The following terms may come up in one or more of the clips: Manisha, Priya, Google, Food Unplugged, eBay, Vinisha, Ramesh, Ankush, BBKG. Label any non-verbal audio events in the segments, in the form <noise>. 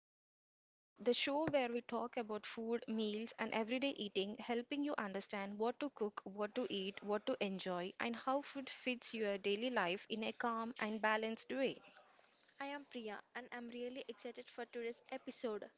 Food Unplugged, the show where we talk about food, meals, and everyday eating, helping you understand what to cook, what to eat, what to enjoy, and how food fits your daily life in a calm and balanced way. I am Priya and I'm really excited for today's episode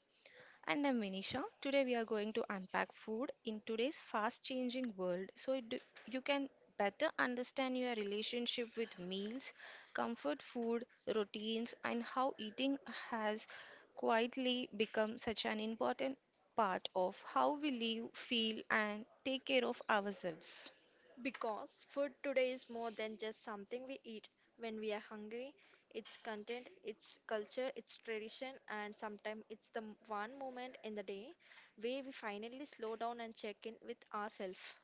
And I'm Manisha. Today we are going to unpack food in today's fast changing world so you can better understand your relationship with meals, comfort food, routines, and how eating has quietly become such an important part of how we live, feel, and take care of ourselves. because food today is more than just something we eat when we are hungry. It's content, it's culture, it's tradition, and sometimes it's the one moment in the day where we finally slow down and check in with ourselves.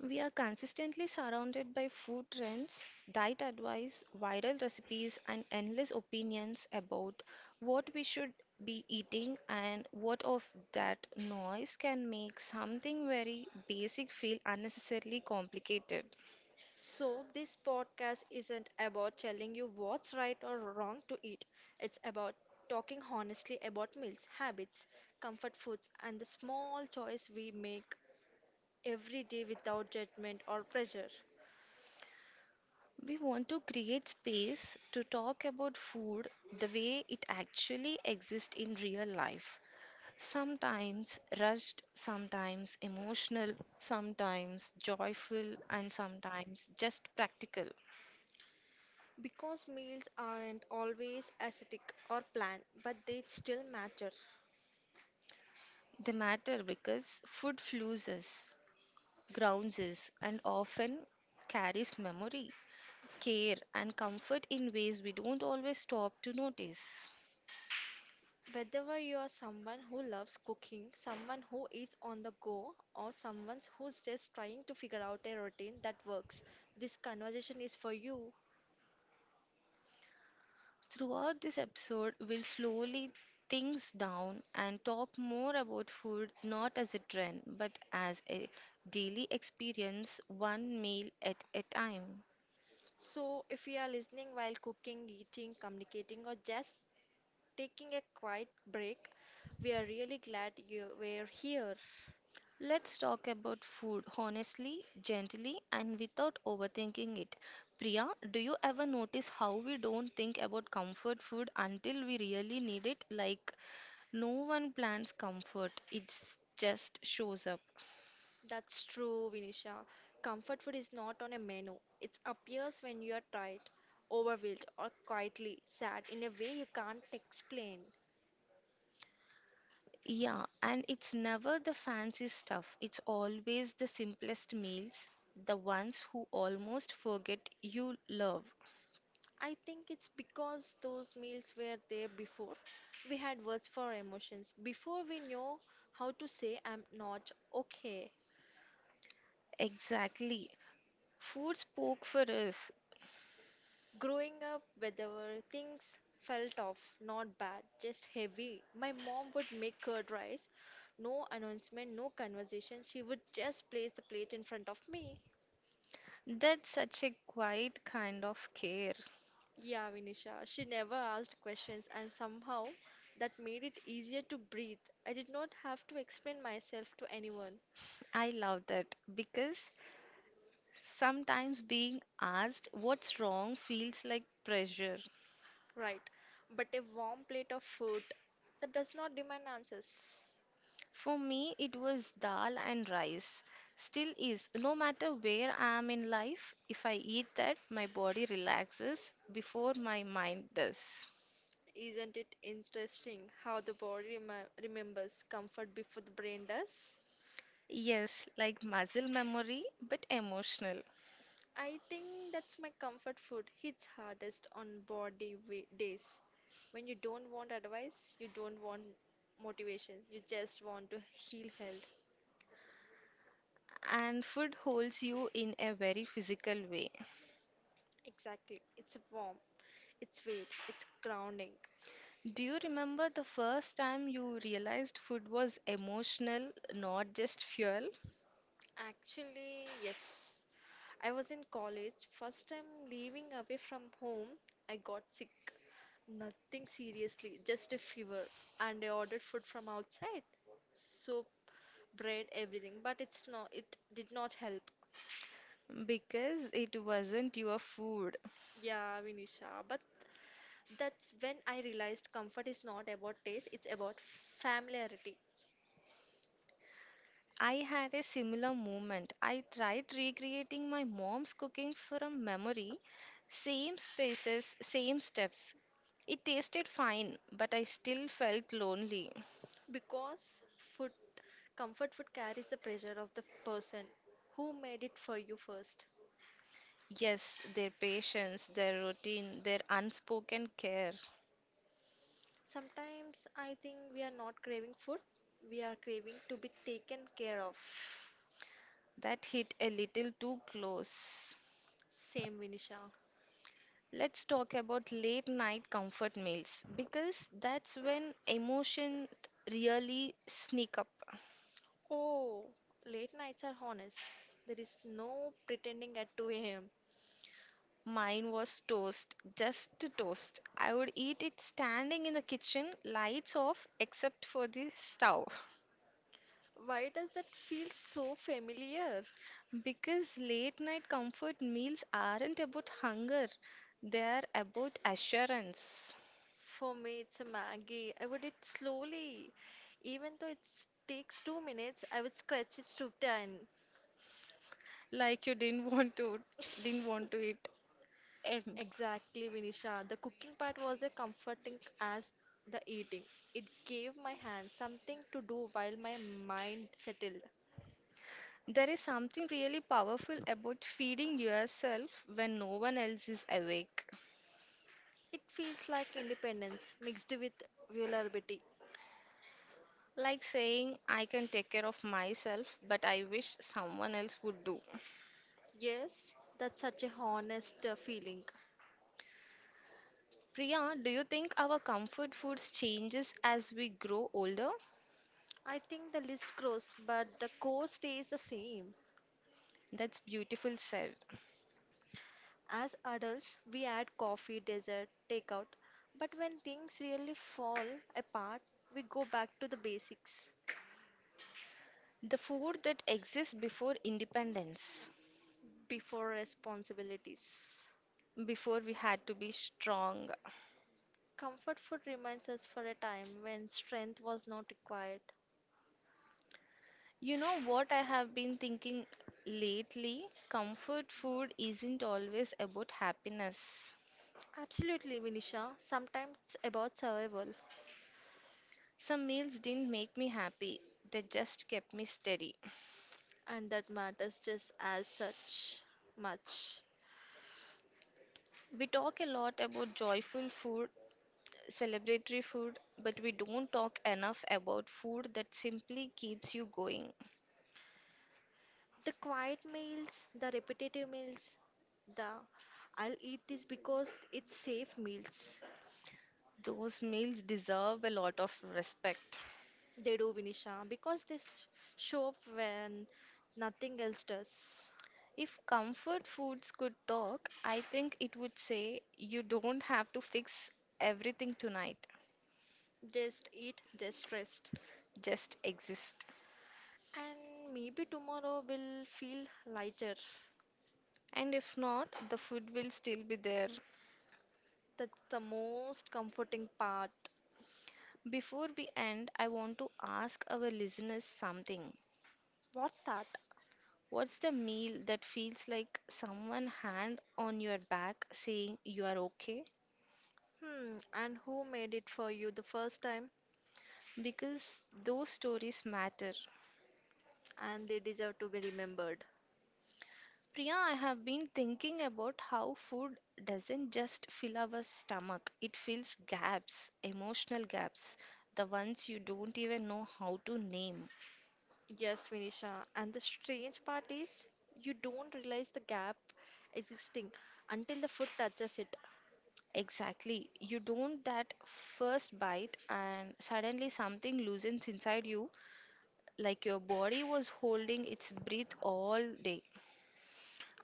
We are consistently surrounded by food trends, diet advice, viral recipes, and endless opinions about what we should be eating and what of that noise can make something very basic feel unnecessarily complicated. So, this podcast isn't about telling you what's right or wrong to eat, it's about talking honestly about meals, habits, comfort foods, and the small choice we make every day without judgment or pressure. We want to create space to talk about food the way it actually exists in real life. Sometimes rushed, sometimes emotional, sometimes joyful, and sometimes just practical. Because meals aren't always aesthetic or planned, but they still matter. They matter because food fuels us, grounds us, and often carries memory, care, and comfort in ways we don't always stop to notice. Whether you are someone who loves cooking, someone who eats on the go, or someone who's just trying to figure out a routine that works, this conversation is for you. Throughout this episode, we'll slowly things down and talk more about food not as a trend but as a daily experience, one meal at a time. So, if you are listening while cooking, eating, communicating, or just taking a quiet break, we are really glad you were here. Let's talk about food honestly, gently, and without overthinking it. Priya, do you ever notice how we don't think about comfort food until we really need it? Like, no one plans comfort, it just shows up. That's true, Vinisha. Comfort food is not on a menu. It appears when you are tired, overwhelmed, or quietly sad in a way you can't explain. Yeah, and it's never the fancy stuff. It's always the simplest meals, the ones who almost forget you love. I think it's because those meals were there before. We had words for emotions, before we know how to say, I'm not okay. Exactly. Food spoke for us. Growing up, whether things felt off, not bad, just heavy. My mom would make curd rice. No announcement, no conversation. She would just place the plate in front of me. That's such a quiet kind of care. Yeah, Vinisha, she never asked questions, and somehow that made it easier to breathe. I did not have to explain myself to anyone, I love that because sometimes being asked what's wrong feels like pressure. right? But a warm plate of food that does not demand answers. For me, it was dal and rice. Still is. No matter where I am in life, if I eat that, my body relaxes before my mind does. Isn't it interesting how the body remembers comfort before the brain does? Yes, like muscle memory, but emotional. I think that's my comfort food hits hardest on body days. When you don't want advice, you don't want motivation, you just want to heal held. And food holds you in a very physical way. Exactly. It's warm, it's weight, it's grounding. Do you remember the first time you realized food was emotional, not just fuel? Actually, yes. I was in college, first time leaving away from home, I got sick. Nothing seriously, just a fever. And I ordered food from outside. Soup, bread, everything. But it's not, it did not help. Because it wasn't your food, Yeah, Vinisha. But that's when I realized comfort is not about taste, it's about familiarity. I had a similar moment. I tried recreating my mom's cooking from memory, same spaces, same steps. It tasted fine, but I still felt lonely. Because food, comfort food carries the pressure of the person who made it for you first. Yes, their patience, their routine, their unspoken care. Sometimes I think we are not craving food, we are craving to be taken care of. That hit a little too close. Same, Vinisha. Let's talk about late night comfort meals because that's when emotion really sneak up. Oh, late nights are honest. There is no pretending at 2 a.m. Mine was toast, just toast. I would eat it standing in the kitchen, lights off except for the stove. Why does that feel so familiar? Because late night comfort meals aren't about hunger, they're about assurance. For me, it's a Maggie. I would eat slowly. Even though it takes 2 minutes, I would scratch it to 10. Like you didn't <laughs> want to didn't want to eat and Exactly, Vinisha. The cooking part was as comforting as the eating. It gave my hands something to do while my mind settled. there is something really powerful about feeding yourself when no one else is awake. It feels like independence mixed with vulnerability. Like saying I can take care of myself, but I wish someone else would do. Yes, that's such a honest feeling. Priya, do you think our comfort foods changes as we grow older? I think the list grows, but the core stays the same. That's beautiful said. As adults, we add coffee, dessert, takeout, but when things really fall apart, we go back to the basics The food that exists before independence, before responsibilities. before we had to be strong. Comfort food reminds us for a time when strength was not required. You know what I have been thinking lately? Comfort food isn't always about happiness. Absolutely, Vinisha. Sometimes it's about survival, Some meals didn't make me happy. They just kept me steady. and that matters just as such much. We talk a lot about joyful food celebratory food, but we don't talk enough about food that simply keeps you going. The quiet meals, the repetitive meals, the I'll eat this because it's safe meals. Those meals deserve a lot of respect. They do, Vinisha, because they show up when nothing else does. If comfort foods could talk, I think it would say you don't have to fix everything tonight, Just eat, just rest. just exist. And maybe tomorrow will feel lighter. And if not, the food will still be there. That's the most comforting part. Before we end, I want to ask our listeners something. What's that? What's the meal that feels like someone hand on your back saying you are okay? Hmm, and who made it for you the first time? Because those stories matter. And they deserve to be remembered. Priya, I have been thinking about how food doesn't just fill our stomach, it fills gaps, emotional gaps, the ones you don't even know how to name. Yes, Vinisha. And the strange part is, you don't realize the gap existing until the food touches it. Exactly, you don't that first bite, and suddenly something loosens inside you, like your body was holding its breath all day.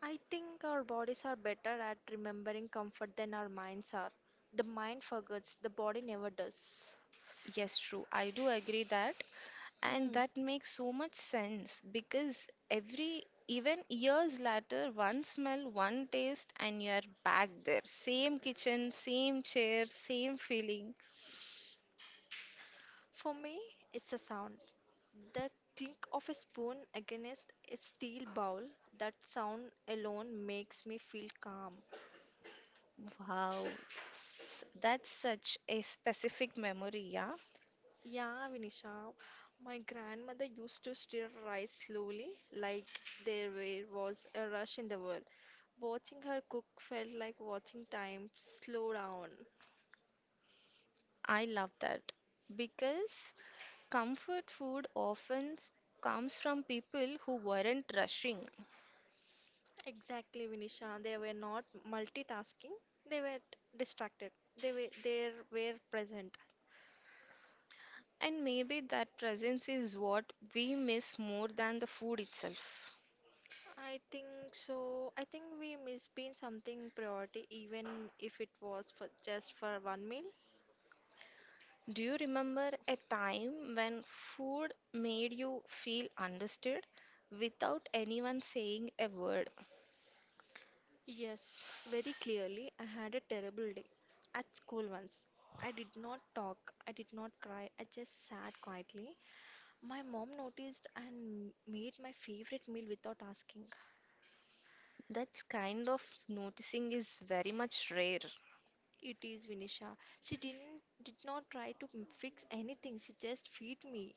I think our bodies are better at remembering comfort than our minds are. The mind forgets, the body never does. Yes, true. I do agree that. And Hmm. that makes so much sense because every, even years later, one smell, one taste, and you're back there. Same kitchen, same chair, same feeling. For me, it's a sound. The clink of a spoon against a steel bowl. That sound alone makes me feel calm. Wow. That's such a specific memory, yeah. Yeah, Vinisha, my grandmother used to stir rice slowly, like there was a rush in the world. Watching her cook felt like watching time slow down. I love that because comfort food often comes from people who weren't rushing. Exactly, Vinisha. They were not multitasking. They were distracted. They were present. And maybe that presence is what we miss more than the food itself. I think so. I think we miss being something priority, even if it was for just for one meal. Do you remember a time when food made you feel understood without anyone saying a word? Yes, very clearly. I had a terrible day at school once. I did not talk, I did not cry, I just sat quietly. My mom noticed and made my favorite meal without asking. That kind of noticing is very much rare. It is Vinisha. She did not try to fix anything. She just feed me.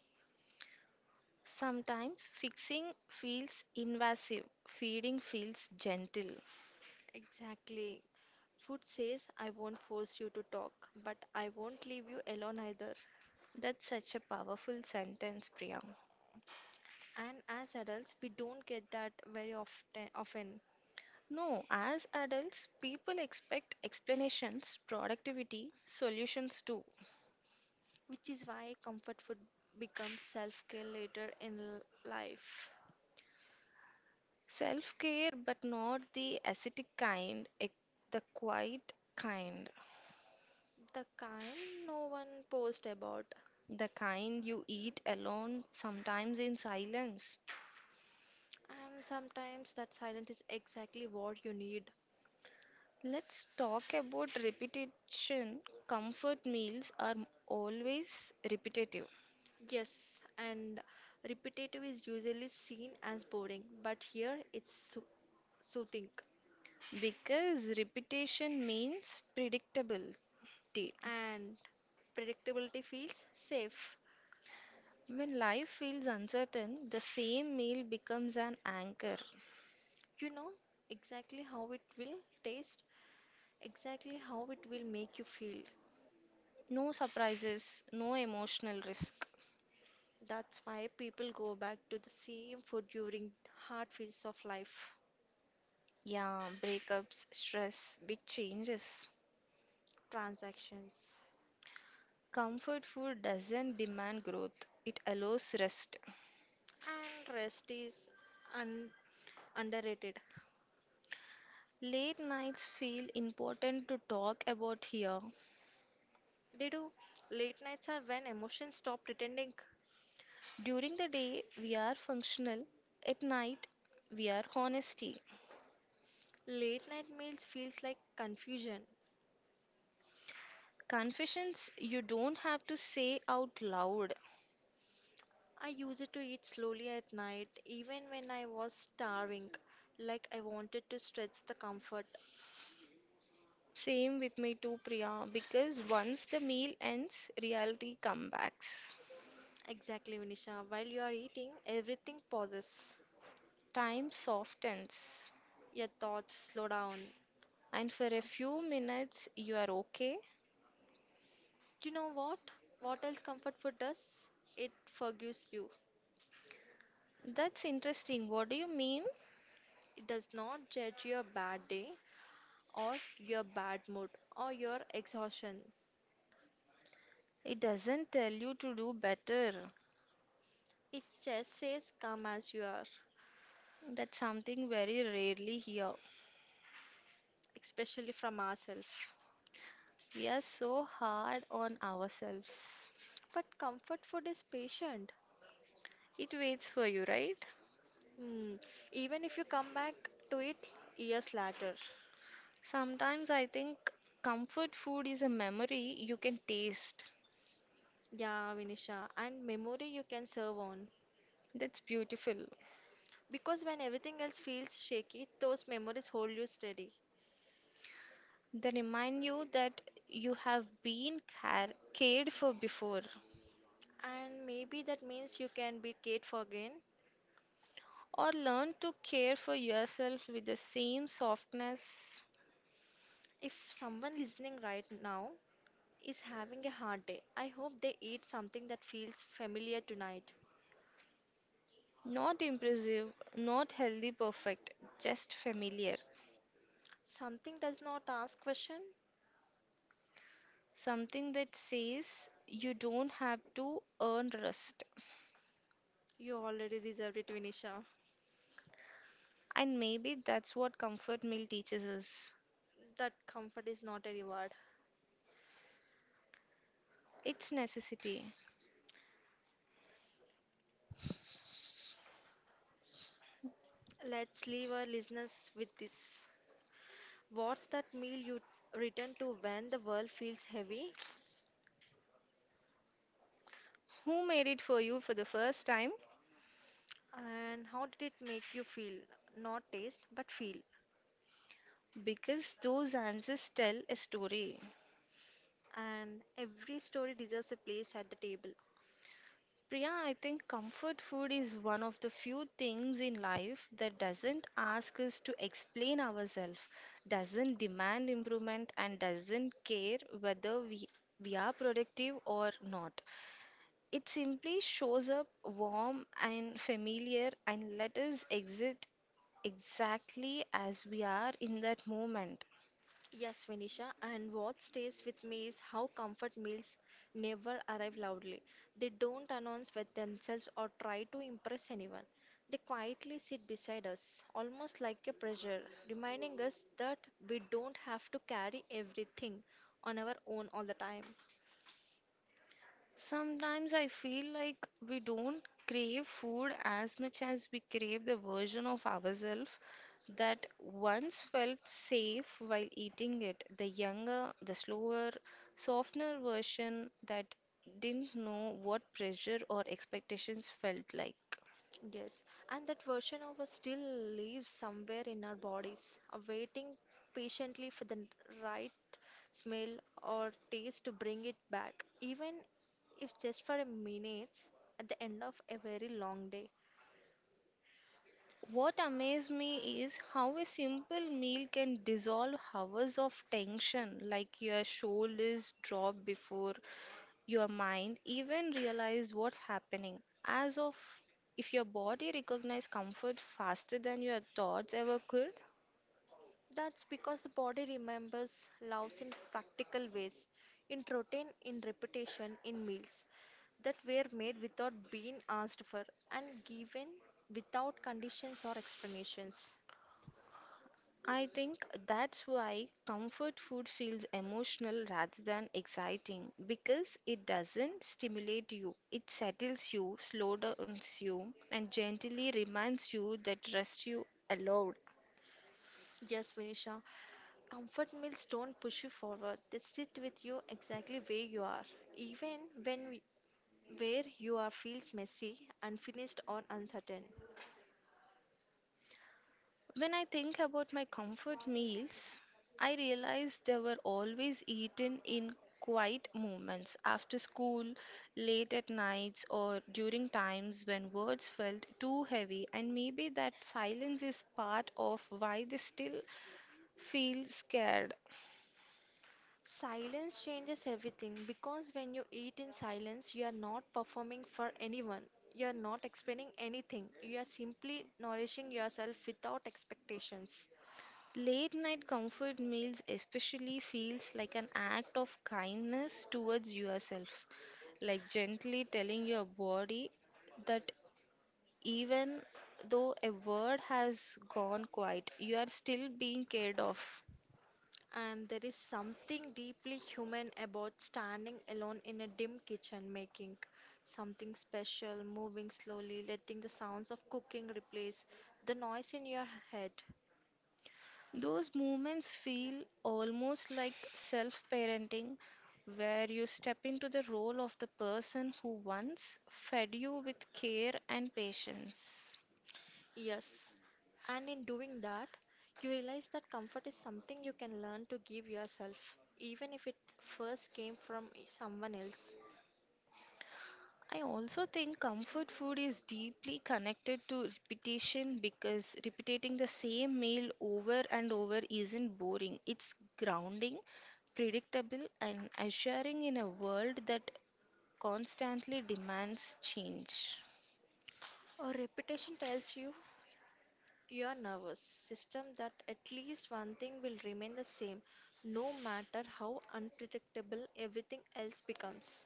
Sometimes fixing feels invasive, feeding feels gentle. Exactly. Food says I won't force you to talk, but I won't leave you alone either. That's such a powerful sentence, Priya. And as adults, we don't get that very often. No, as adults, people expect explanations, productivity, solutions too. Which is why comfort food becomes self care later in life. Self care, but not the ascetic kind, the quiet kind, The kind no one posts about, the kind you eat alone, sometimes in silence. and sometimes that silence is exactly what you need. Let's talk about repetition. Comfort meals are always repetitive Yes, and repetitive is usually seen as boring, but here it's soothing because repetition means predictability. and predictability feels safe. When life feels uncertain, the same meal becomes an anchor. You know exactly how it will taste, exactly how it will make you feel. No surprises, no emotional risk. That's why people go back to the same food during hard phases of life. Yeah, breakups, stress, big changes. Transactions Comfort food doesn't demand growth, it allows rest. and rest is un- underrated. Late nights feel important to talk about here. They do. Late nights are when emotions stop pretending. During the day, we are functional. At night, we are honesty. Late night meals feels like confusion. Confessions you don't have to say out loud. I used to eat slowly at night, even when I was starving, like I wanted to stretch the comfort. Same with me too, Priya, because once the meal ends, reality comebacks. Exactly, Vinisha. While you are eating, everything pauses. Time softens, Your thoughts slow down. and for a few minutes, you are okay. You know what? What else comfort food does? It forgives you. That's interesting. What do you mean? It does not judge your bad day or your bad mood or your exhaustion. It doesn't tell you to do better. It just says come as you are, That's something very rarely here. especially from ourselves. We are so hard on ourselves. But comfort food is patient. It waits for you, right? Hmm. Even if you come back to it years later. Sometimes I think comfort food is a memory you can taste. Yeah, Vinisha. And memory you can serve on. That's beautiful. Because when everything else feels shaky, those memories hold you steady. They remind you that you have been cared for before, And maybe that means you can be Kate Forgan. or learn to care for yourself with the same softness. If someone listening right now is having a hard day, I hope they eat something that feels familiar tonight. Not impressive, not healthy perfect, just familiar. Something does not ask question. Something that says you don't have to earn rest. You already deserved it, Vinisha. And maybe that's what comfort meal teaches us. That comfort is not a reward. It's necessity. Let's leave our listeners with this. What's that meal you return to when the world feels heavy? Who made it for you for the first time? And how did it make you feel? Not taste, but feel. Because those answers tell a story. And every story deserves a place at the table. Priya, I think comfort food is one of the few things in life that doesn't ask us to explain ourselves, doesn't demand improvement, and doesn't care whether we are productive or not. It simply shows up warm and familiar and let us exist exactly as we are in that moment. Yes, Vinisha, and what stays with me is how comfort meals never arrive loudly. They don't announce with themselves or try to impress anyone. They quietly sit beside us, almost like a pressure, reminding us that we don't have to carry everything on our own all the time. Sometimes I feel like we don't crave food as much as we crave the version of ourselves that once felt safe while eating it. The younger, the slower, softer version that didn't know what pressure or expectations felt like. Yes, and that version of us still lives somewhere in our bodies, awaiting patiently for the right smell or taste to bring it back, even if just for a minute at the end of a very long day. What amazed me is how a simple meal can dissolve hours of tension, like your shoulders drop before your mind even realize what's happening. As of if your body recognizes comfort faster than your thoughts ever could. That's because the body remembers loves in practical ways, in routine, in repetition, in meals that were made without being asked for and given without conditions or explanations. I think that's why comfort food feels emotional rather than exciting because it doesn't stimulate you. It settles you, slow downs you, and gently reminds you that rest you allowed. Yes, Vinisha. Comfort meals don't push you forward. They sit with you exactly where you are, even when where you are feels messy, unfinished, or uncertain. When I think about my comfort meals, I realize they were always eaten in quiet moments after school, late at nights, or during times when words felt too heavy. And maybe that silence is part of why they still feel scared. Silence changes everything because when you eat in silence, you are not performing for anyone. You are not explaining anything. You are simply nourishing yourself without expectations. Late night comfort meals especially feels like an act of kindness towards yourself, like gently telling your body that even though a word has gone quiet, you are still being cared of. And there is something deeply human about standing alone in a dim kitchen, making something special, moving slowly, letting the sounds of cooking replace the noise in your head. Those moments feel almost like self parenting, where you step into the role of the person who once fed you with care and patience. Yes, and in doing that, you realize that comfort is something you can learn to give yourself, even if it first came from someone else. I also think comfort food is deeply connected to repetition because repeating the same meal over and over isn't boring. It's grounding, predictable, and assuring in a world that constantly demands change. Or reputation tells you your nervous system that at least one thing will remain the same no matter how unpredictable everything else becomes.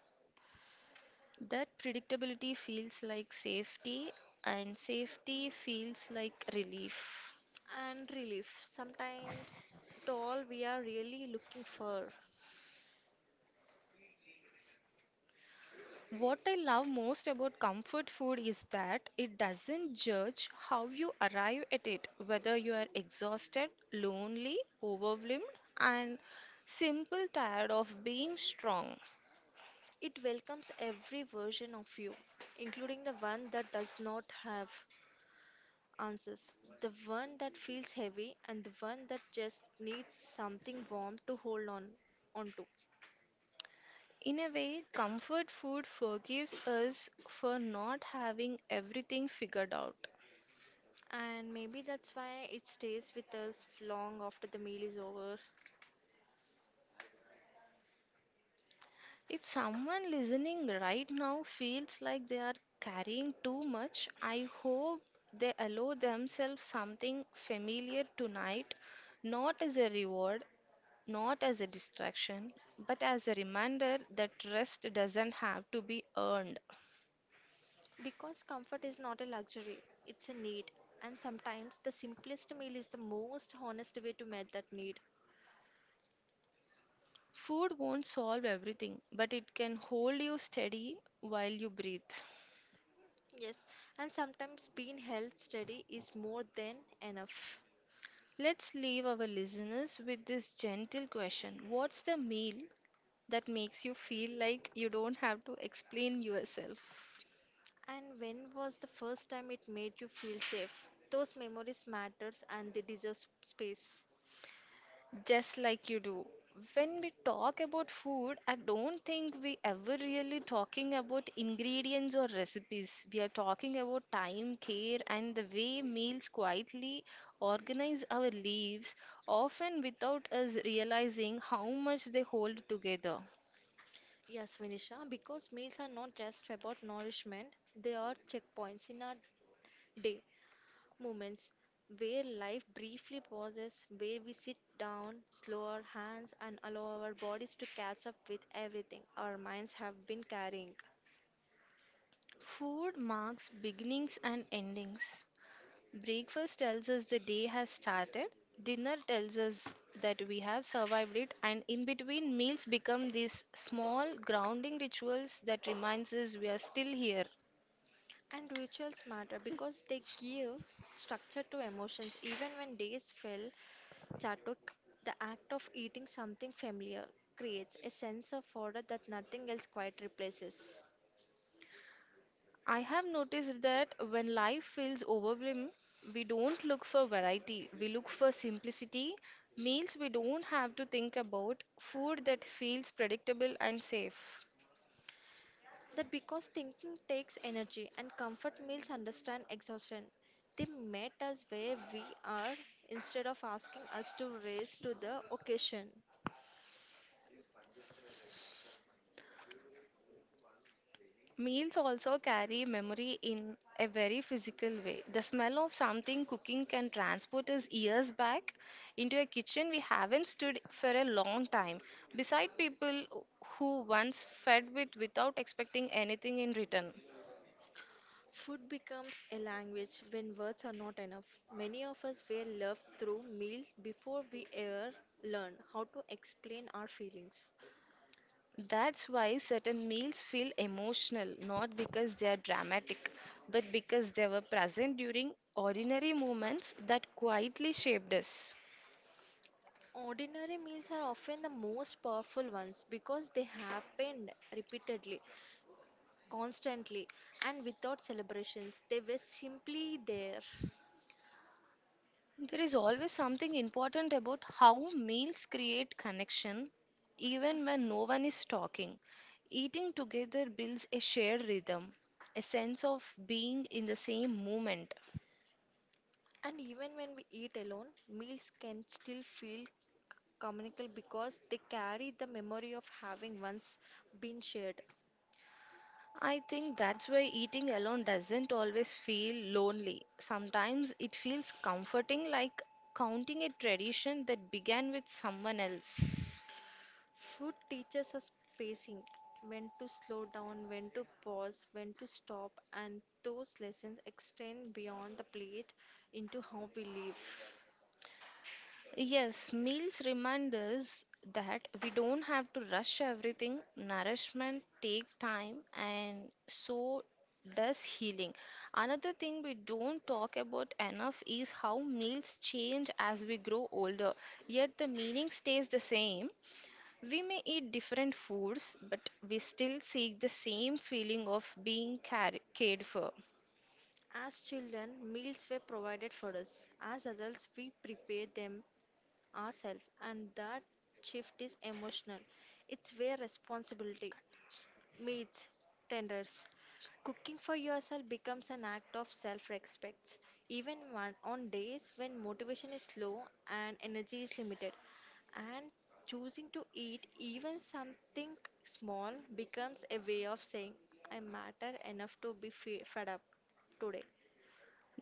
That predictability feels like safety, and safety feels like relief. And relief, sometimes to all we are really looking for. What I love most about comfort food is that it doesn't judge how you arrive at it, whether you are exhausted, lonely, overwhelmed, and simple tired of being strong. It welcomes every version of you, including the one that does not have answers, the one that feels heavy, and the one that just needs something warm to hold on onto. In a way, comfort food forgives us for not having everything figured out. And maybe that's why it stays with us long after the meal is over. If someone listening right now feels like they are carrying too much, I hope they allow themselves something familiar tonight, not as a reward, not as a distraction, but as a reminder that rest doesn't have to be earned. Because comfort is not a luxury, it's a need. And sometimes the simplest meal is the most honest way to meet that need. Food won't solve everything, but it can hold you steady while you breathe. Yes, and sometimes being held steady is more than enough. Let's leave our listeners with this gentle question. What's the meal that makes you feel like you don't have to explain yourself? And when was the first time it made you feel safe? Those memories matters and they deserve space. Just like you do. When we talk about food, I don't think we ever really talking about ingredients or recipes. We are talking about time, care, and the way meals quietly organize our lives, often without us realizing how much they hold together. Yes, Vinisha, because meals are not just about nourishment, they are checkpoints in our day, moments where life briefly pauses, where we sit down, slow our hands, and allow our bodies to catch up with everything our minds have been carrying. Food marks beginnings and endings. Breakfast tells us the day has started, dinner tells us that we have survived it, and in between meals become these small grounding rituals that reminds us we are still here. And rituals matter because they give structure to emotions. Even when days feel chaotic, the act of eating something familiar creates a sense of order that nothing else quite replaces. I have noticed that when life feels overwhelming, we don't look for variety, we look for simplicity, meals we don't have to think about, food that feels predictable and safe. That because thinking takes energy and comfort meals understand exhaustion. They met us where we are instead of asking us to raise to the occasion. Meals also carry memory in a very physical way. The smell of something cooking can transport us years back into a kitchen we haven't stood for a long time, beside people who once fed with without expecting anything in return. Food becomes a language when words are not enough. Many of us were loved through meals before we ever learn how to explain our feelings. That's why certain meals feel emotional, not because they are dramatic, but because they were present during ordinary moments that quietly shaped us. Ordinary meals are often the most powerful ones because they happened repeatedly constantly and without celebrations. They were simply there. There is always something important about how meals create connection, even when no one is talking. Eating together builds a shared rhythm, a sense of being in the same moment. And even when we eat alone, meals can still feel communal because they carry the memory of having once been shared. I think that's why eating alone doesn't always feel lonely. Sometimes it feels comforting, like counting a tradition that began with someone else. Food teaches us pacing, when to slow down, when to pause, when to stop, and those lessons extend beyond the plate into how we live. Yes, meals remind us that we don't have to rush everything. Nourishment take time and so does healing. Another thing we don't talk about enough is how meals change as we grow older, yet the meaning stays the same. We may eat different foods, but we still seek the same feeling of being cared for. As children, meals were provided for us. As adults, we prepare them ourselves, and that shift is emotional. It's where responsibility meets tenders. Cooking for yourself becomes an act of self respect, even one, on days when motivation is low and energy is limited. And choosing to eat even something small becomes a way of saying, I matter enough to be fed up today.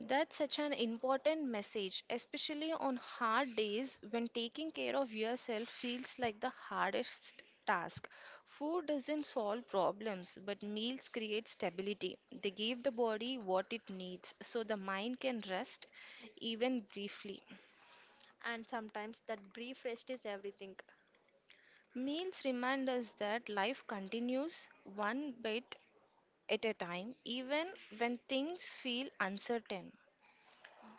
That's such an important message, especially on hard days when taking care of yourself feels like the hardest task. Food doesn't solve problems, but meals create stability. They give the body what it needs so the mind can rest even briefly. And sometimes that brief rest is everything. Meals remind us that life continues one bit at a time, even when things feel uncertain.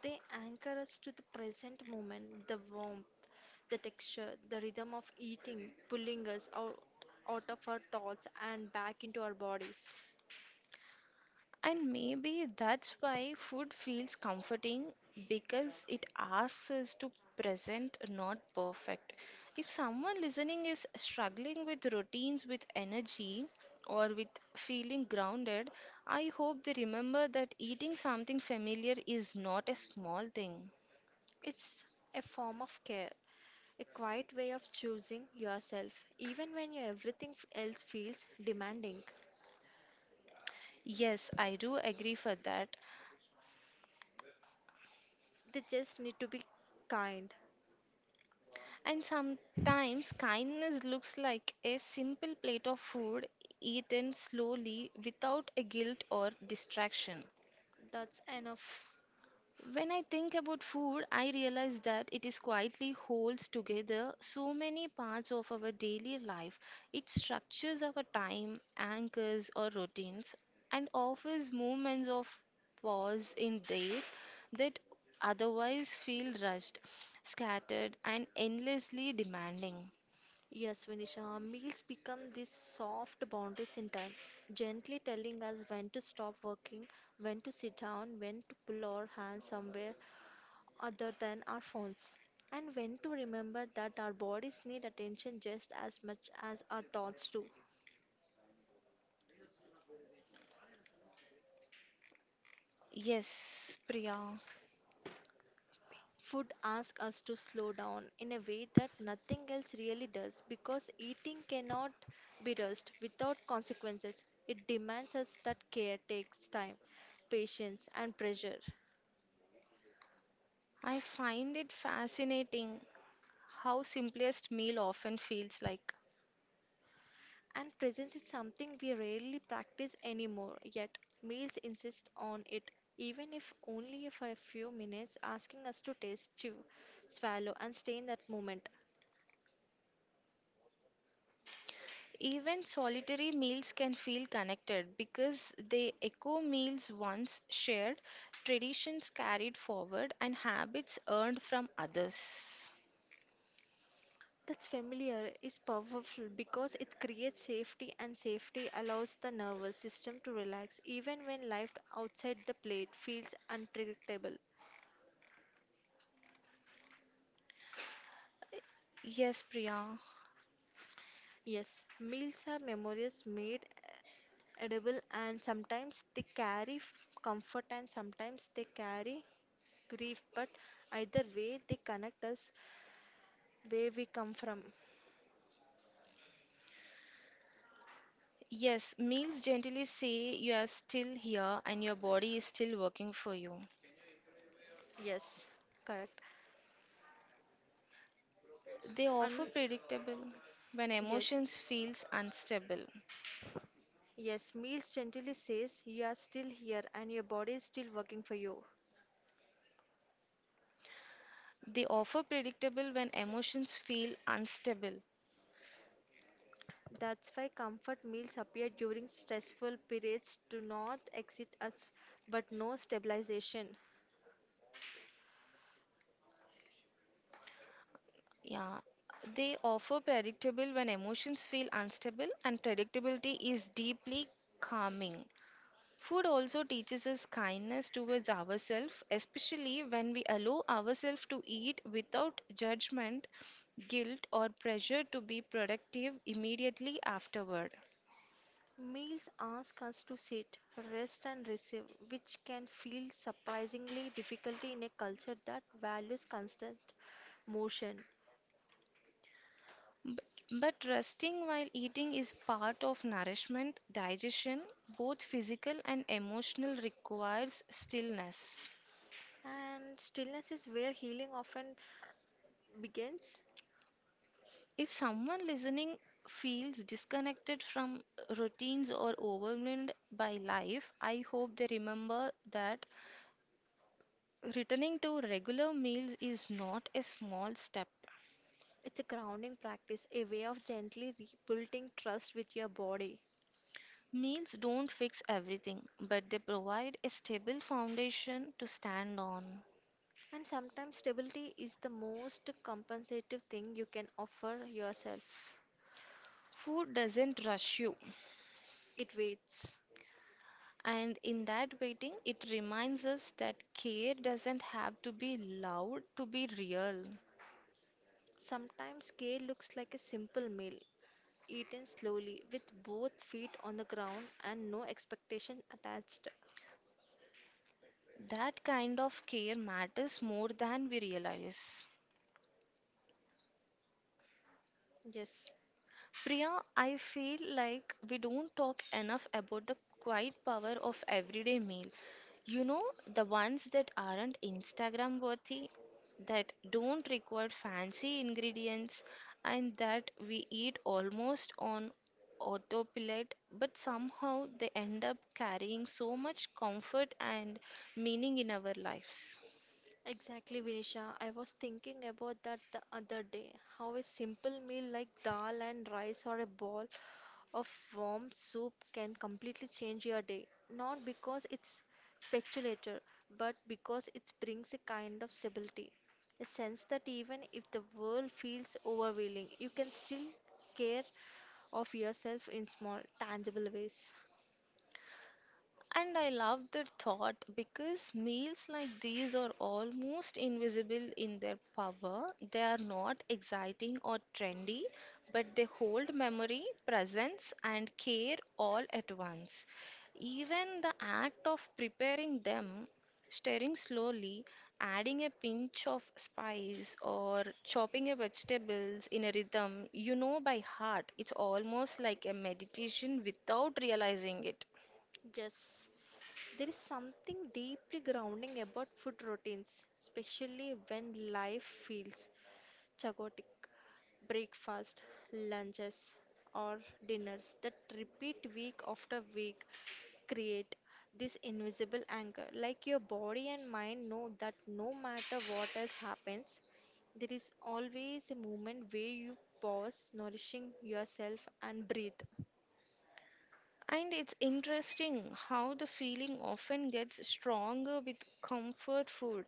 They anchor us to the present moment, the warmth, the texture, the rhythm of eating, pulling us out of our thoughts and back into our bodies. And maybe that's why food feels comforting because it asks us to present not perfect. If someone listening is struggling with routines with energy or with feeling grounded, I hope they remember that eating something familiar is not a small thing. It's a form of care, a quiet way of choosing yourself, even when your everything else feels demanding. Yes, I do agree for that. They just need to be kind. And sometimes kindness looks like a simple plate of food eaten slowly without a guilt or distraction. That's enough. When I think about food, I realize that it is quietly holds together so many parts of our daily life. It structures our time, anchors our routines, and offers moments of pause in days that otherwise feel rushed, scattered, and endlessly demanding. Yes, Vinisha, meals become these soft boundaries in time, gently telling us when to stop working, when to sit down, when to pull our hands somewhere other than our phones, and when to remember that our bodies need attention just as much as our thoughts do. Yes, Priya. Food asks us to slow down in a way that nothing else really does because eating cannot be rushed without consequences. It demands us that care takes time, patience, and pressure. I find it fascinating how simplest meal often feels like. And presence is something we rarely practice anymore, yet meals insist on it, even if only for a few minutes, asking us to taste, chew, swallow, and stay in that moment. Even solitary meals can feel connected because they echo meals once shared, traditions carried forward, and habits earned from others. That's familiar is powerful because it creates safety, and safety allows the nervous system to relax even when life outside the plate feels unpredictable. Yes, Priya. Yes, meals are memories made edible, and sometimes they carry comfort, and sometimes they carry grief, but either way, they connect us where we come from. Yes, meals gently say you are still here and your body is still working for you. Yes, correct. They offer And predictable when yes, emotions feels unstable. yes, meals gently says you are still here and your body is still working for you. They offer predictable when emotions feel unstable. That's why comfort meals appear during stressful periods do not exit us, but no stabilization. Yeah, they offer predictable when emotions feel unstable, and predictability is deeply calming. Food also teaches us kindness towards ourselves, especially when we allow ourselves to eat without judgment, guilt, or pressure to be productive immediately afterward. Meals ask us to sit, rest, and receive, which can feel surprisingly difficult in a culture that values constant motion. But, but resting while eating is part of nourishment, digestion, both physical and emotional, requires stillness. And stillness is where healing often begins. If someone listening feels disconnected from routines or overwhelmed by life, I hope they remember that returning to regular meals is not a small step. It's a grounding practice, a way of gently rebuilding trust with your body. Meals don't fix everything, but they provide a stable foundation to stand on. And sometimes stability is the most compensative thing you can offer yourself. Food doesn't rush you. It waits. And in that waiting, it reminds us that care doesn't have to be loud to be real. Sometimes care looks like a simple meal, eaten slowly with both feet on the ground and no expectation attached. That kind of care matters more than we realize. Yes. Priya, I feel like we don't talk enough about the quiet power of everyday meal. You know, the ones that aren't Instagram worthy, that don't require fancy ingredients, and that we eat almost on autopilot, but somehow they end up carrying so much comfort and meaning in our lives. Exactly, Vinisha. I was thinking about that the other day. How a simple meal like dal and rice or a bowl of warm soup can completely change your day. Not because it's speculative, but because it brings a kind of stability. A sense that even if the world feels overwhelming, you can still care of yourself in small, tangible ways. And I love the thought because meals like these are almost invisible in their power. They are not exciting or trendy, but they hold memory, presence, and care all at once. Even the act of preparing them, stirring slowly, adding a pinch of spice, or chopping a vegetables in a rhythm you know by heart, it's almost like a meditation without realizing it. Yes, there is something deeply grounding about food routines, especially when life feels chaotic. Breakfast, lunches, or dinners that repeat week after week create this invisible anchor. Like your body and mind know that no matter what else happens, there is always a moment where you pause, nourishing yourself, and breathe. And it's interesting how the feeling often gets stronger with comfort food.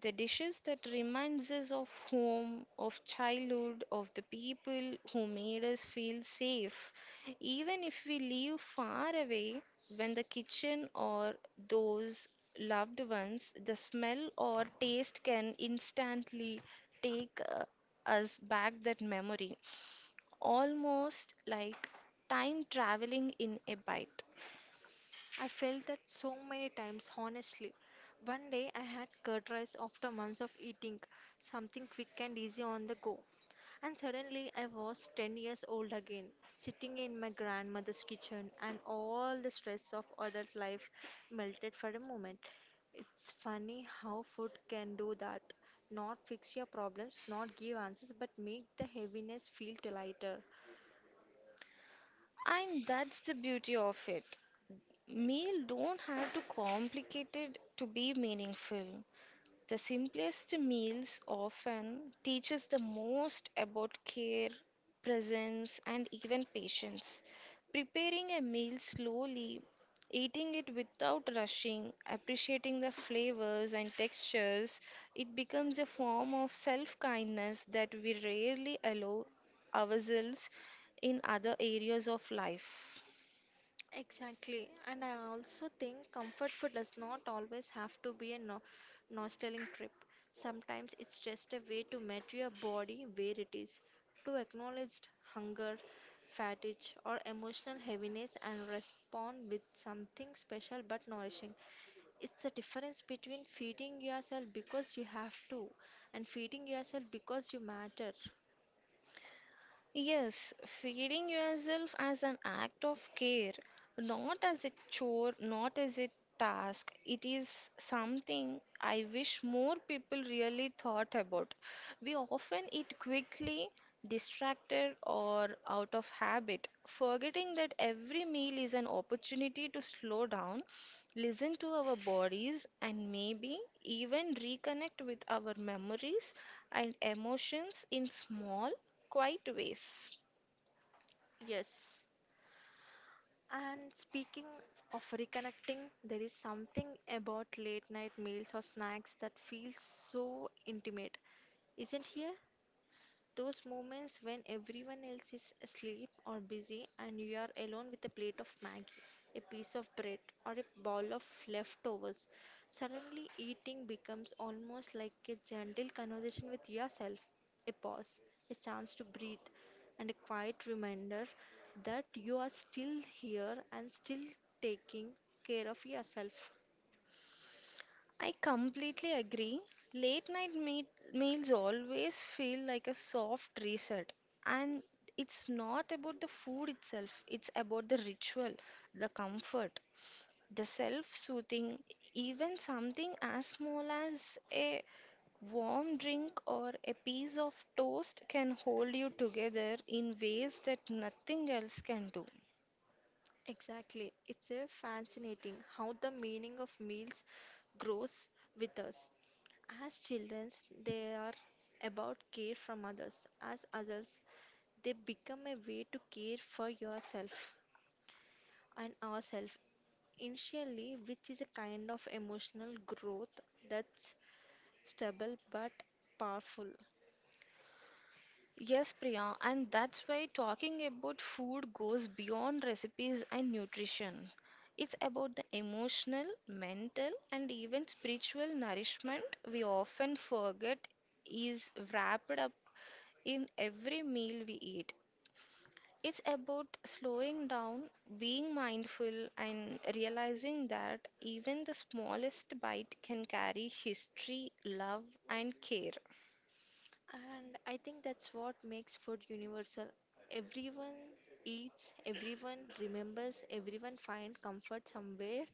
The dishes that reminds us of home, of childhood, of the people who made us feel safe. Even if we live far away, when the kitchen or those loved ones, the smell or taste can instantly take us back that memory almost like time traveling in a bite. I felt that so many times, honestly. One day I had curd rice after months of eating something quick and easy on the go. And suddenly I was 10 years old again, sitting in my grandmother's kitchen, and all the stress of adult life melted for a moment. It's funny how food can do that. Not fix your problems, not give answers, but make the heaviness feel lighter. And that's the beauty of it. Meal don't have to complicate it to be meaningful. The simplest meals often teaches the most about care, presence and even patience. Preparing a meal slowly, eating it without rushing, appreciating the flavors and textures, it becomes a form of self-kindness that we rarely allow ourselves in other areas of life. Exactly. And I also think comfort food does not always have to be a no nostalgic trip. Sometimes it's just a way to meet your body where it is, to acknowledge hunger, fatigue, or emotional heaviness and respond with something special but nourishing. It's the difference between feeding yourself because you have to and feeding yourself because you matter. Yes, feeding yourself as an act of care, not as a chore, not as a task. It is something I wish more people really thought about. We often eat quickly, distracted, or out of habit, forgetting that every meal is an opportunity to slow down listen to our bodies, and maybe even reconnect with our memories and emotions in small, quiet ways. Yes. And speaking of reconnecting, there is something about late night meals or snacks that feels so intimate, isn't here? Those moments when everyone else is asleep or busy and you are alone with a plate of Maggie, a piece of bread, or a bowl of leftovers. Suddenly, eating becomes almost like a gentle conversation with yourself, a pause, a chance to breathe, and a quiet reminder that you are still here and still taking care of yourself. I completely agree. Late night meat, meals always feel like a soft reset, and it's not about the food itself, it's about the ritual, the comfort, the self soothing, even something as small as a warm drink or a piece of toast can hold you together in ways that nothing else can do. Exactly. It's a fascinating how the meaning of meals grows with us. As children, they are about care from others. As adults, they become a way to care for yourself and ourselves initially, which is a kind of emotional growth that's stable but powerful. Yes, Priya, and that's why talking about food goes beyond recipes and nutrition. It's about the emotional, mental, and even spiritual nourishment we often forget is wrapped up in every meal we eat. It's about slowing down, being mindful, and realizing that even the smallest bite can carry history, love, and care. And I think that's what makes food universal. Everyone eats, everyone remembers, everyone finds comfort somewhere,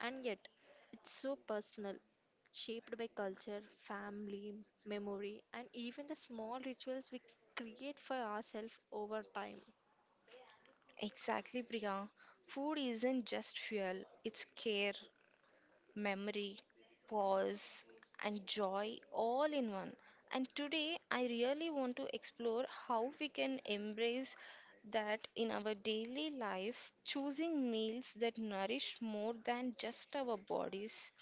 and yet it's so personal, shaped by culture, family, memory, and even the small rituals we create for ourselves over time. Exactly, Priya. Food isn't just fuel, it's care, memory, pause, and joy all in one. And today, I really want to explore how we can embrace that in our daily life, choosing meals that nourish more than just our bodies,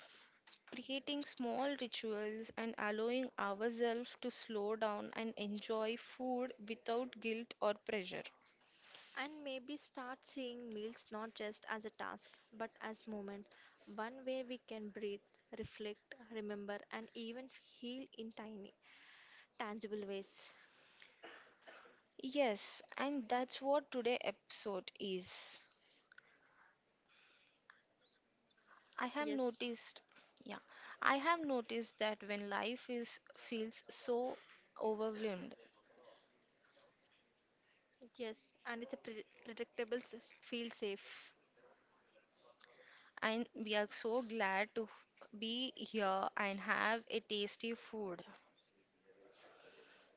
creating small rituals, and allowing ourselves to slow down and enjoy food without guilt or pressure. And maybe start seeing meals not just as a task, but as moment, one where we can breathe, reflect, remember, and even heal in tiny, tangible ways. Yes, and that's what today episode is. I have Yes, noticed, yeah, I have noticed that when life is feels so overwhelmed, yes, and it's a predictable, feel safe. and we are so glad to be here and have a tasty food.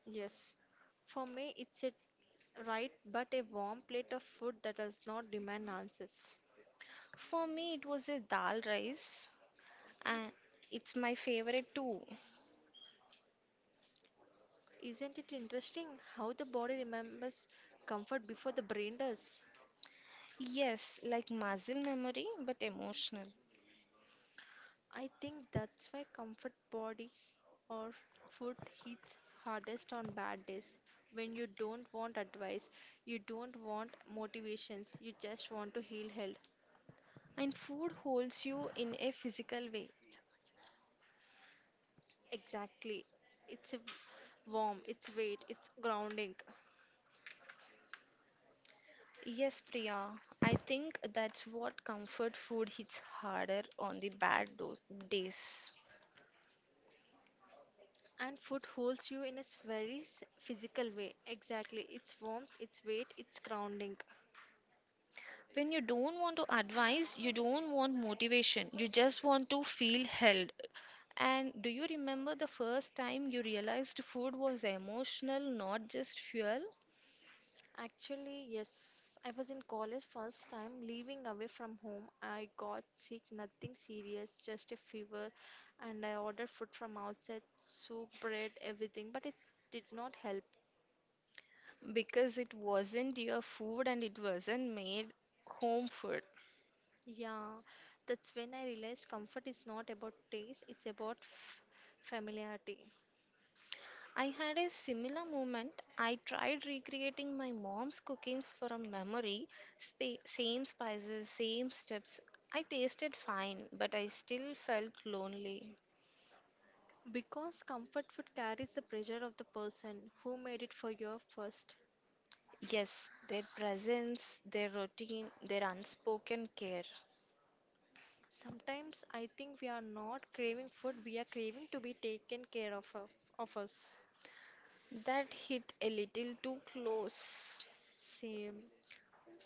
Yes, for me, it's a right, but a warm plate of food that does not demand answers. For me, it was a dal rice, and it's my favorite too. Isn't it interesting how the body remembers comfort before the brain does? Yes, like muscle memory, but emotional. I think that's why comfort body or food hits hardest on bad days. When you don't want advice, you don't want motivations, you just want to heal health. And food holds you in a physical way. Exactly. It's a warm, it's weight, it's grounding. Yes, Priya. I think that's what comfort food hits harder on the bad do days. And food holds you in a very physical way. Exactly. It's warmth, it's weight, it's grounding. When you don't want to advise, you don't want motivation, you just want to feel held. And do you remember the first time you realized food was emotional, not just fuel? Actually, yes. I was in college first time leaving away from home. I got sick, nothing serious, just a fever, and I ordered food from outside, soup, bread, everything, but it did not help. Because it wasn't your food and it wasn't made home food. Yeah, that's when I realized comfort is not about taste, it's about familiarity. I had a similar moment. I tried recreating my mom's cooking from memory, same spices, same steps. I tasted fine, but I still felt lonely. Because comfort food carries the pressure of the person who made it for you first. Yes, their presence, their routine, their unspoken care. Sometimes I think we are not craving food, we are craving to be taken care of us. That hit a little too close. Same.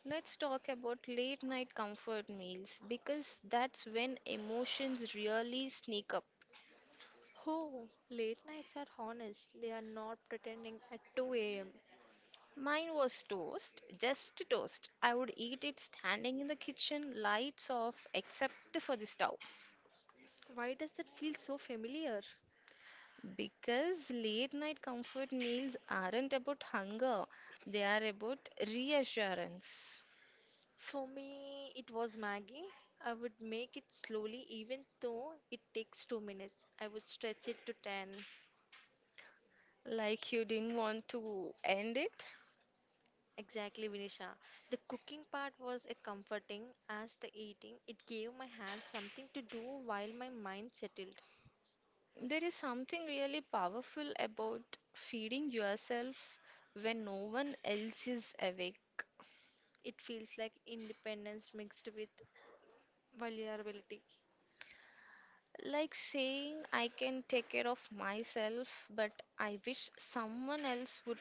Let's talk about late night comfort meals because that's when emotions really sneak up. Oh, late nights are honest, they are not pretending at 2 am. Mine was toast, just toast. I would eat it standing in the kitchen, lights off, except for the stove. Why does that feel so familiar? Because late night comfort meals aren't about hunger, they are about reassurance. For me, it was Maggie. I would make it slowly, even though it takes 2 minutes. I would stretch it to 10. Like you didn't want to end it. Exactly, Vinisha. The cooking part was as comforting as the eating. It gave my hands something to do while my mind settled. There is something really powerful about feeding yourself when no one else is awake. It feels like independence mixed with vulnerability. Like saying I can take care of myself, but I wish someone else would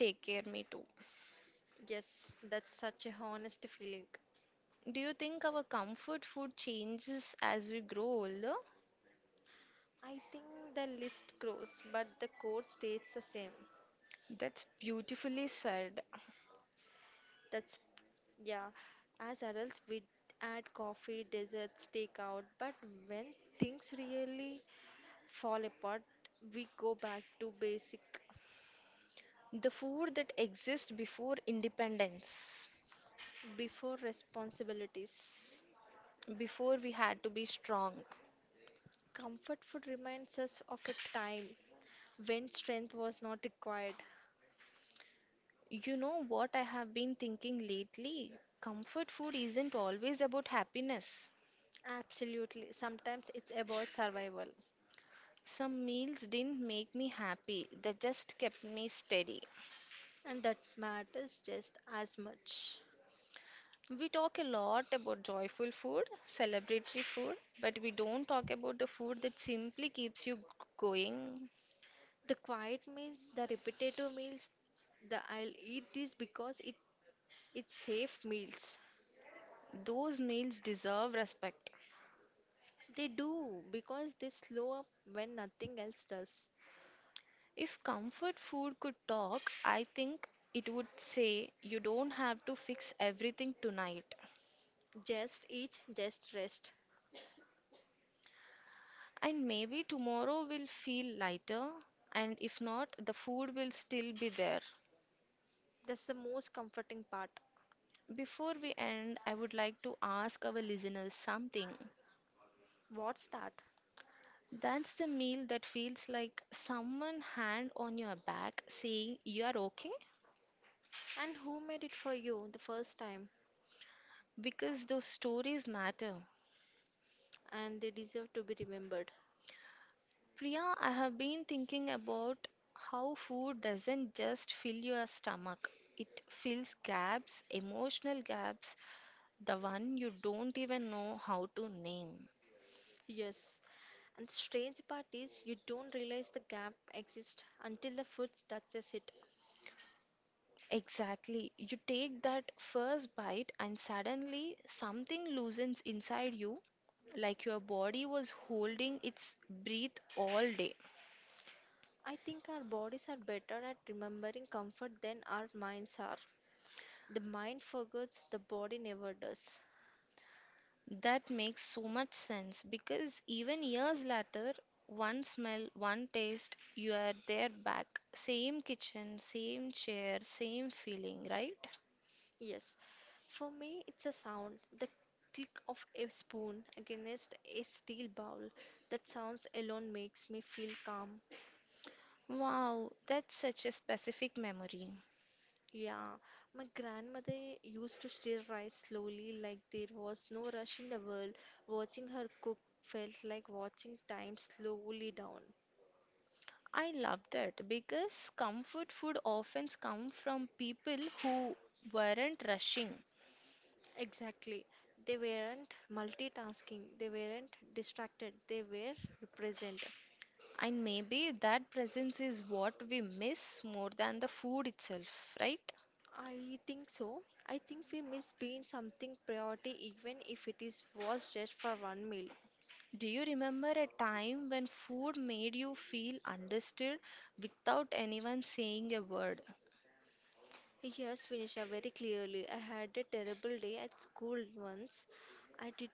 take care me too. Yes, that's such a honest feeling. Do you think our comfort food changes as we grow older? I think the list grows, but the core stays the same. That's beautifully said. That's, yeah. As adults, we add coffee, desserts, takeout, but when things really fall apart, we go back to basic. The food that exists before independence, Before responsibilities, before we had to be strong. comfort food reminds us of a time when strength was not required. You know what I have been thinking lately? Comfort food isn't always about happiness. Absolutely. Sometimes it's about survival, Some meals didn't make me happy, they just kept me steady. and that matters just as much. We talk a lot about joyful food, celebratory food, but we don't talk about the food that simply keeps you going. The quiet meals, the repetitive meals, the I'll eat this because it's safe meals. Those meals deserve respect. They do because they slow up when nothing else does. If comfort food could talk, I think it would say you don't have to fix everything tonight. Just eat, just rest. And maybe tomorrow will feel lighter, and if not, the food will still be there. That's the most comforting part. Before we end, I would like to ask our listeners something. What's that? That's the meal that feels like someone hand on your back saying you are okay And who made it for you the first time? because those stories matter. And they deserve to be remembered. Priya, I have been thinking about how food doesn't just fill your stomach. It fills gaps, emotional gaps, the one you don't even know how to name. Yes. And the strange part is, you don't realize the gap exists until the food touches it. Exactly. You take that first bite, and suddenly something loosens inside you, like your body was holding its breath all day. I think our bodies are better at remembering comfort than our minds are. The mind forgets, the body never does. That makes so much sense because even years later, one smell, one taste, you are there back. Same kitchen, same chair, same feeling, right? Yes. For me, it's a sound, the click of a spoon against a steel bowl. That sounds alone makes me feel calm. Wow, that's such a specific memory. Yeah, my grandmother used to stir rice slowly, like there was no rush in the world. Watching her cook felt like watching time slowly down. I love that because comfort food often comes from people who weren't rushing, Exactly. They weren't multitasking, they weren't distracted, they were present. and maybe that presence is what we miss more than the food itself, right? I think so. I think we miss being something priority even if it is was just for one meal. Do you remember a time when food made you feel understood without anyone saying a word? Yes, Vinisha, very clearly. I had a terrible day at school once. I did,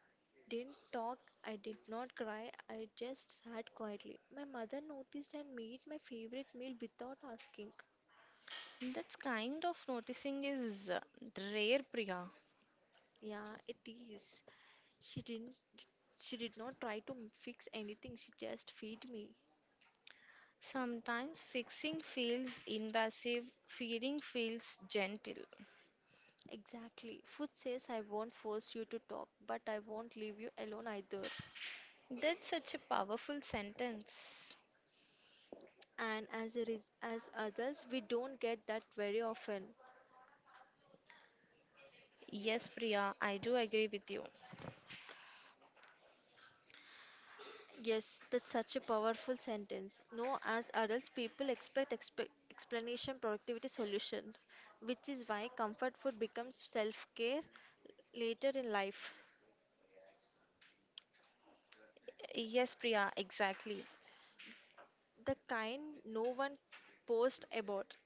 didn't talk, I did not cry, I just sat quietly. My mother noticed and made my favorite meal without asking. That's kind of noticing is rare, Priya. Yeah, it is. She didn't, she did not try to fix anything, she just feed me. Sometimes fixing feels invasive, feeling feels gentle. Exactly. Food says I won't force you to talk, but I won't leave you alone either. That's such a powerful sentence. And as a as adults, we don't get that very often. Yes, Priya, I do agree with you. Yes, that's such a powerful sentence. No, as adults, people expect explanation, productivity, solution, which is why comfort food becomes self care later in life. Yes, Priya, exactly. The kind no one posts about.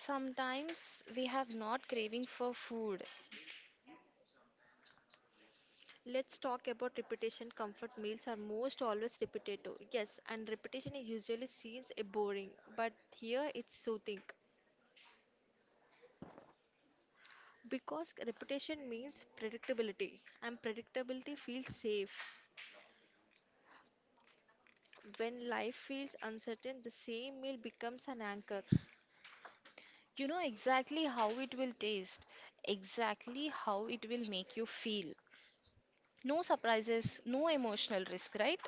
Sometimes we have not craving for food. Let's talk about repetition. Comfort meals are most always repetitive. Yes, and repetition is usually seen as boring, but here it's soothing. Because repetition means predictability, and predictability feels safe. When life feels uncertain, the same meal becomes an anchor. You know exactly how it will taste, exactly how it will make you feel. No surprises, no emotional risk, right?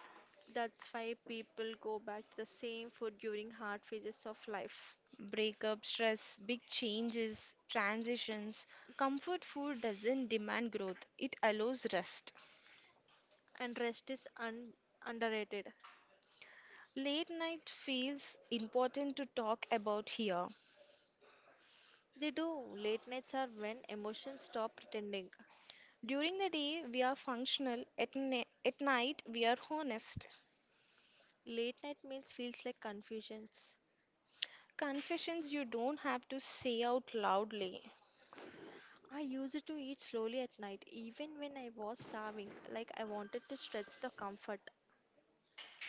That's why people go back to the same food during hard phases of life. Breakup, stress, big changes, transitions. Comfort food doesn't demand growth, it allows rest. And rest is underrated. Late night feels important to talk about here. They do. Late nights are when emotions stop pretending. During the day, we are functional. At night, we are honest. Late night meals feels like confusions. Confessions you don't have to say out loudly. I used to eat slowly at night, even when I was starving, like I wanted to stretch the comfort.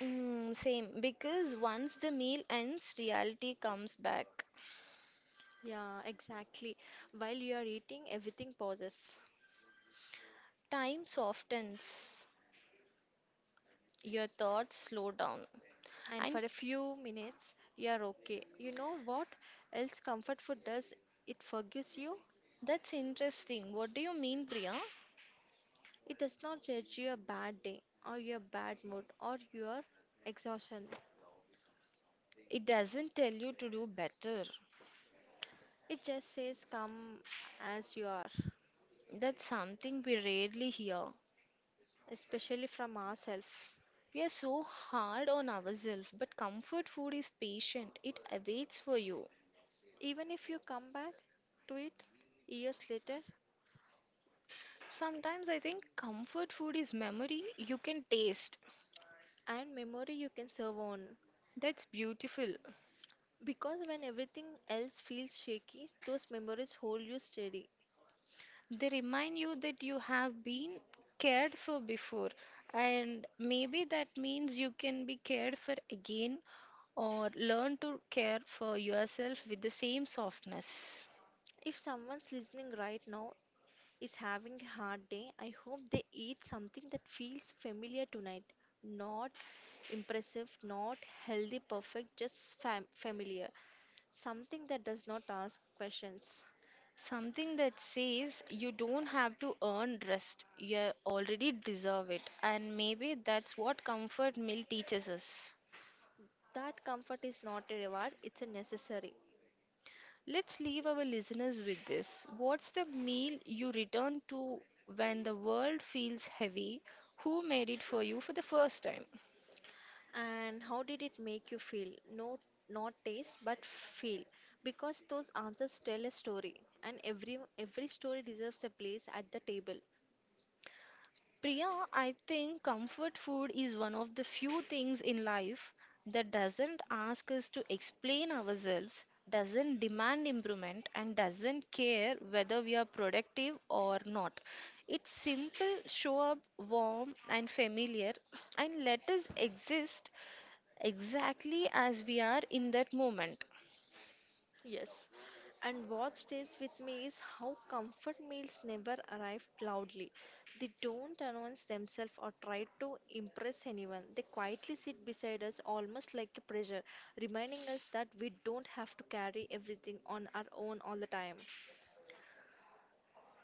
Mm, same, because once the meal ends, reality comes back. Yeah, exactly. While you are eating, everything pauses. Time softens, your thoughts slow down. And And for a few minutes you are okay. You know what else comfort food does? It forgives you. that's interesting. What do you mean, Priya? It does not judge your bad day or your bad mood or your exhaustion. It doesn't tell you to do better. It just says come as you are, That's something we rarely hear. especially from ourselves. We are so hard on ourselves, but comfort food is patient. It awaits for you. Even if you come back to it years later Sometimes I think comfort food is memory you can taste. and memory you can serve on. That's beautiful. Because when everything else feels shaky, those memories hold you steady. They remind you that you have been cared for before, and maybe that means you can be cared for again or learn to care for yourself with the same softness. If someone's listening right now is having a hard day, I hope they eat something that feels familiar tonight. Not impressive, not healthy, perfect, just familiar. Something that does not ask questions. Something that says you don't have to earn rest, you already deserve it, and maybe that's what comfort meal teaches us. That comfort is not a reward, it's a necessary. Let's leave our listeners with this. What's the meal you return to when the world feels heavy? Who made it for you for the first time? And how did it make you feel? No, not taste, but feel. Because those answers tell a story, and every story deserves a place at the table. Priya, I think comfort food is one of the few things in life that doesn't ask us to explain ourselves, doesn't demand improvement, and doesn't care whether we are productive or not. It's simple, show up, warm, and familiar, and let us exist exactly as we are in that moment. Yes, and what stays with me is how comfort meals never arrive loudly. They don't announce themselves or try to impress anyone. They quietly sit beside us almost like a pressure, reminding us that we don't have to carry everything on our own all the time.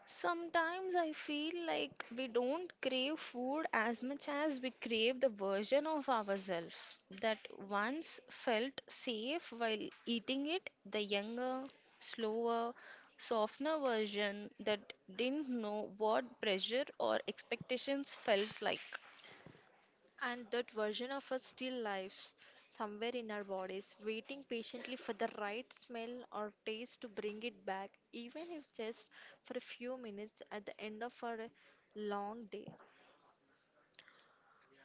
Sometimes I feel like we don't crave food as much as we crave the version of ourselves that once felt safe while eating it, the younger, slower, softener version that didn't know what pressure or expectations felt like. And that version of us still lives somewhere in our bodies, waiting patiently for the right smell or taste to bring it back, even if just for a few minutes at the end of our long day.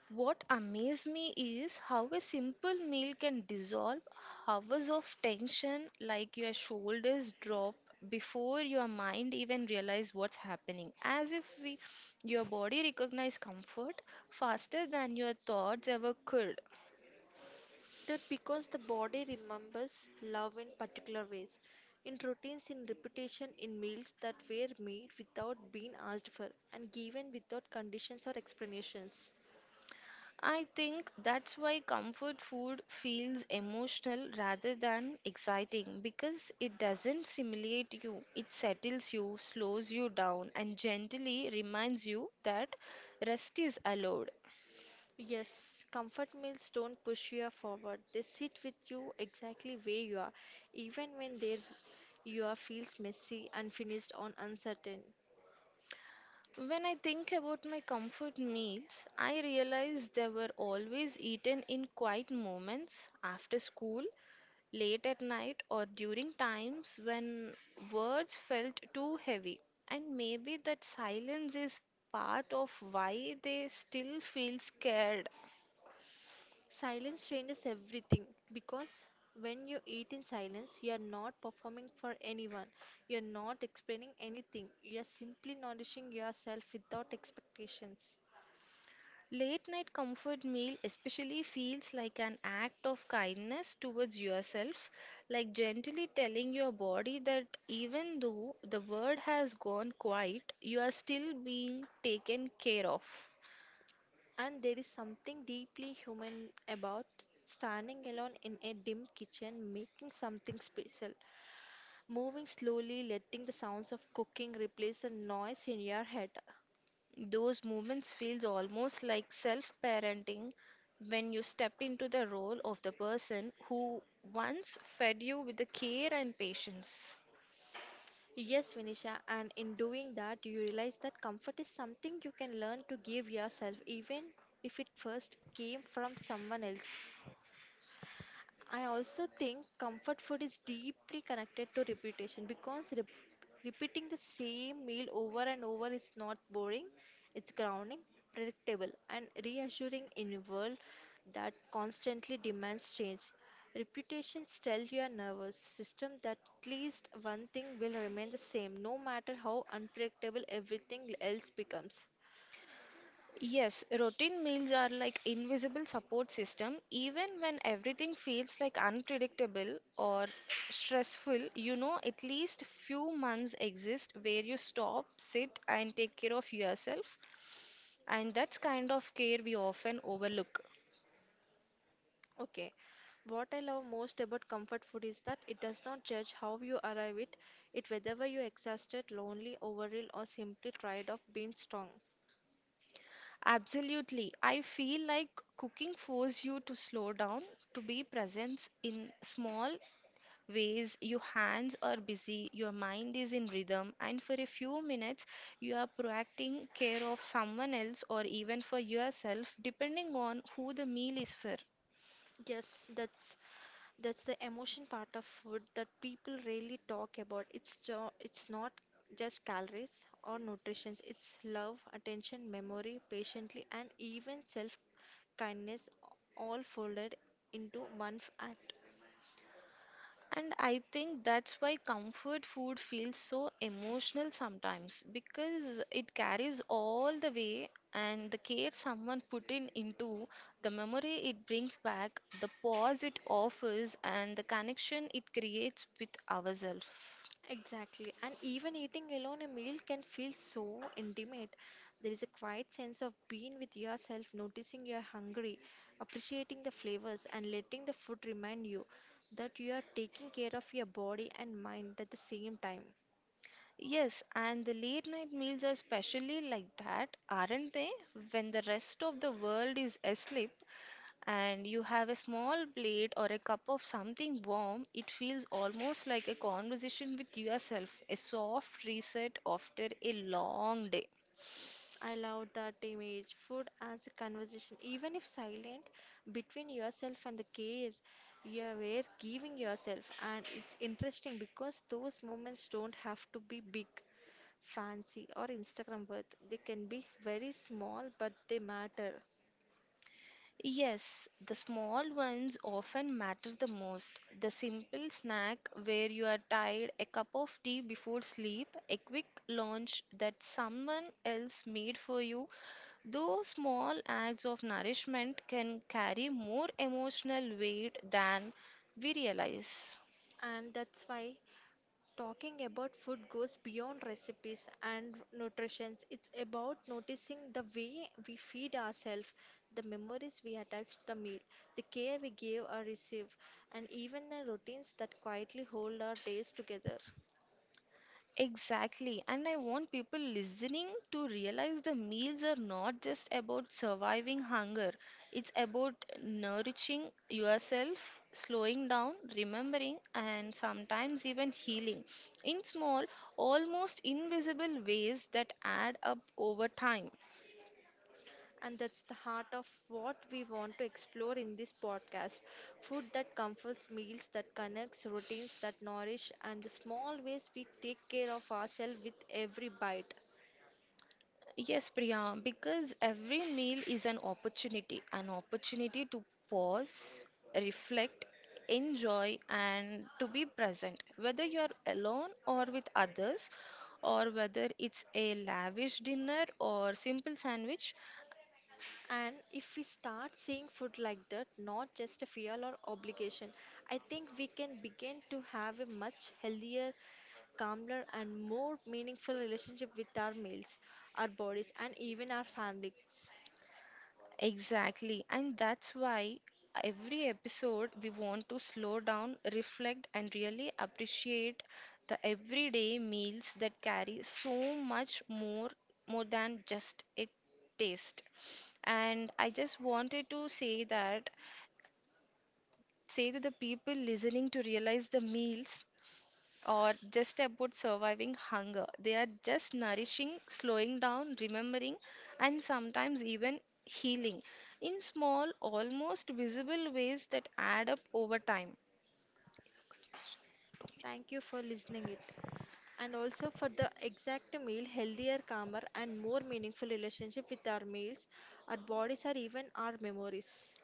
What amazed me is how a simple meal can dissolve hours of tension, like your shoulders drop before your mind even realize what's happening, as if your body recognize comfort faster than your thoughts ever could. That because the body remembers love in particular ways, in routines, in repetition, in meals that were made without being asked for and given without conditions or explanations. I think that's why comfort food feels emotional rather than exciting because it doesn't stimulate you, it settles you, slows you down, and gently reminds you that rest is allowed. Yes, comfort meals don't push you forward. They sit with you exactly where you are, even when there you are feels messy, unfinished, or uncertain. When I think about my comfort meals, I realize they were always eaten in quiet moments after school late at night or during times when words felt too heavy. And maybe that silence is part of why they still feel scared. Silence changes everything because when you eat in silence, you are not performing for anyone. You are not explaining anything. You are simply nourishing yourself without expectations. Late night comfort meal especially feels like an act of kindness towards yourself, like gently telling your body that even though the world has gone quiet, you are still being taken care of. And there is something deeply human about standing alone in a dim kitchen, making something special, moving slowly, letting the sounds of cooking replace the noise in your head. Those moments feels almost like self-parenting when you step into the role of the person who once fed you with the care and patience. Yes, Vinisha, and in doing that, you realize that comfort is something you can learn to give yourself, even if it first came from someone else. I also think comfort food is deeply connected to repetition because repeating the same meal over and over is not boring, it's grounding, predictable, and reassuring in a world that constantly demands change. Repetitions tell your nervous system that at least one thing will remain the same, no matter how unpredictable everything else becomes. Yes, routine meals are like invisible support system. Even when everything feels like unpredictable or stressful, you know at least few months exist where you stop, sit and take care of yourself. And that's kind of care we often overlook. Okay. What I love most about comfort food is that it does not judge how you arrive it, it whether you exhausted, lonely, overwhelmed, or simply tired of being strong. Absolutely. I feel like cooking forces you to slow down, to be present in small ways. Your hands are busy, your mind is in rhythm, and for a few minutes, you are proacting care of someone else or even for yourself, depending on who the meal is for. Yes, that's the emotion part of food that people rarely talk about. It's not just calories or nutrition. It's love, attention, memory, patiently, and even self kindness all folded into one act. And I think that's why comfort food feels so emotional sometimes because it carries all the way and the care someone put in into the memory it brings back, the pause it offers, and the connection it creates with ourselves. Exactly. And even eating alone a meal can feel so intimate. There is a quiet sense of being with yourself, noticing you are hungry, appreciating the flavors, and letting the food remind you that you are taking care of your body and mind at the same time. Yes, and the late night meals are especially like that, aren't they? When the rest of the world is asleep, and you have a small plate or a cup of something warm, it feels almost like a conversation with yourself, a soft reset after a long day. I love that image. Food as a conversation, even if silent, between yourself and the care you were giving yourself. And it's interesting because those moments don't have to be big fancy or Instagram worth. They can be very small, but they matter. Yes, the small ones often matter the most. The simple snack where you are tired, a cup of tea before sleep, a quick lunch that someone else made for you. Those small acts of nourishment can carry more emotional weight than we realize. And that's why talking about food goes beyond recipes and nutrition. It's about noticing the way we feed ourselves, the memories we attach to the meal, the care we give or receive, and even the routines that quietly hold our days together. Exactly, and I want people listening to realize the meals are not just about surviving hunger, it's about nourishing yourself, slowing down, remembering, and sometimes even healing in small, almost invisible ways that add up over time. And that's the heart of what we want to explore in this podcast. Food that comforts, meals that connects, routines that nourish, and the small ways we take care of ourselves with every bite. Yes, Priya, because every meal is an opportunity to pause, reflect, enjoy, and to be present. Whether you're alone or with others, or whether it's a lavish dinner or simple sandwich. And if we start seeing food like that, not just a fear or obligation, I think we can begin to have a much healthier, calmer, and more meaningful relationship with our meals, our bodies, and even our families. Exactly, and that's why every episode we want to slow down, reflect, and really appreciate the everyday meals that carry so much more than just a taste. And I just wanted to say that say to the people listening to realize the meals or just about surviving hunger. They are just nourishing, slowing down, remembering, and sometimes even healing in small, almost visible ways that add up over time. Thank you for listening it. And also for the exact meal, healthier, calmer, and more meaningful relationship with our meals, our bodies, or even our memories.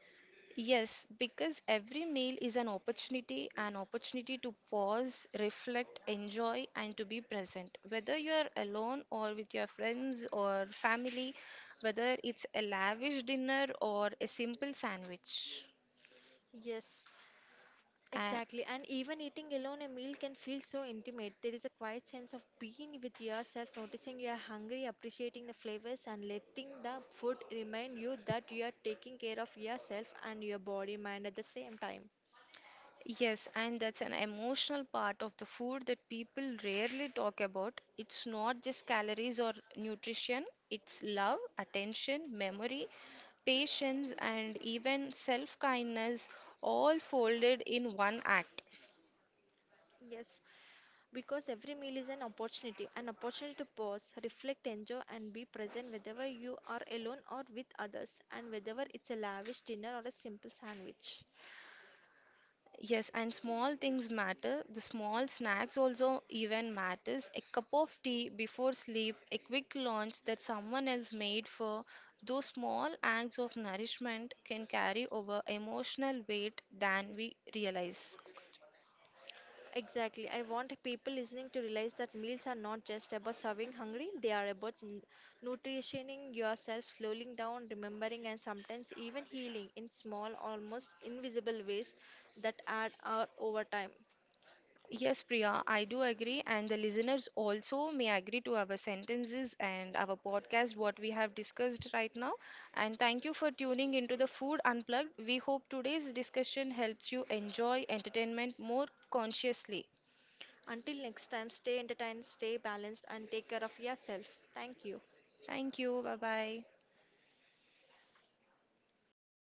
Yes, because every meal is an opportunity to pause, reflect, enjoy, and to be present. Whether you're alone or with your friends or family, whether it's a lavish dinner or a simple sandwich. Yes, exactly. And even eating alone a meal can feel so intimate. There is a quiet sense of being with yourself, noticing you are hungry, appreciating the flavors, and letting the food remind you that you are taking care of yourself and your body mind at the same time. Yes, and that's an emotional part of the food that people rarely talk about. It's not just calories or nutrition, it's love, attention, memory, patience, and even self kindness all folded in one act. Yes, because every meal is an opportunity to pause, reflect, enjoy, and be present whether you are alone or with others, and whether it's a lavish dinner or a simple sandwich. Yes, and small things matter. The small snacks also even matters. A cup of tea before sleep, a quick lunch that someone else made for those small acts of nourishment can carry over emotional weight than we realize. Exactly. I want people listening to realize that meals are not just about serving hungry, they are about nutritioning yourself, slowing down, remembering, and sometimes even healing in small, almost invisible ways that add up over time. Yes, Priya, I do agree, and the listeners also may agree to our sentences and our podcast, what we have discussed right now. And thank you for tuning into the Food Unplugged. We hope today's discussion helps you enjoy entertainment more consciously. Until next time, stay entertained, stay balanced, and take care of yourself. Thank you. Thank you. Bye bye.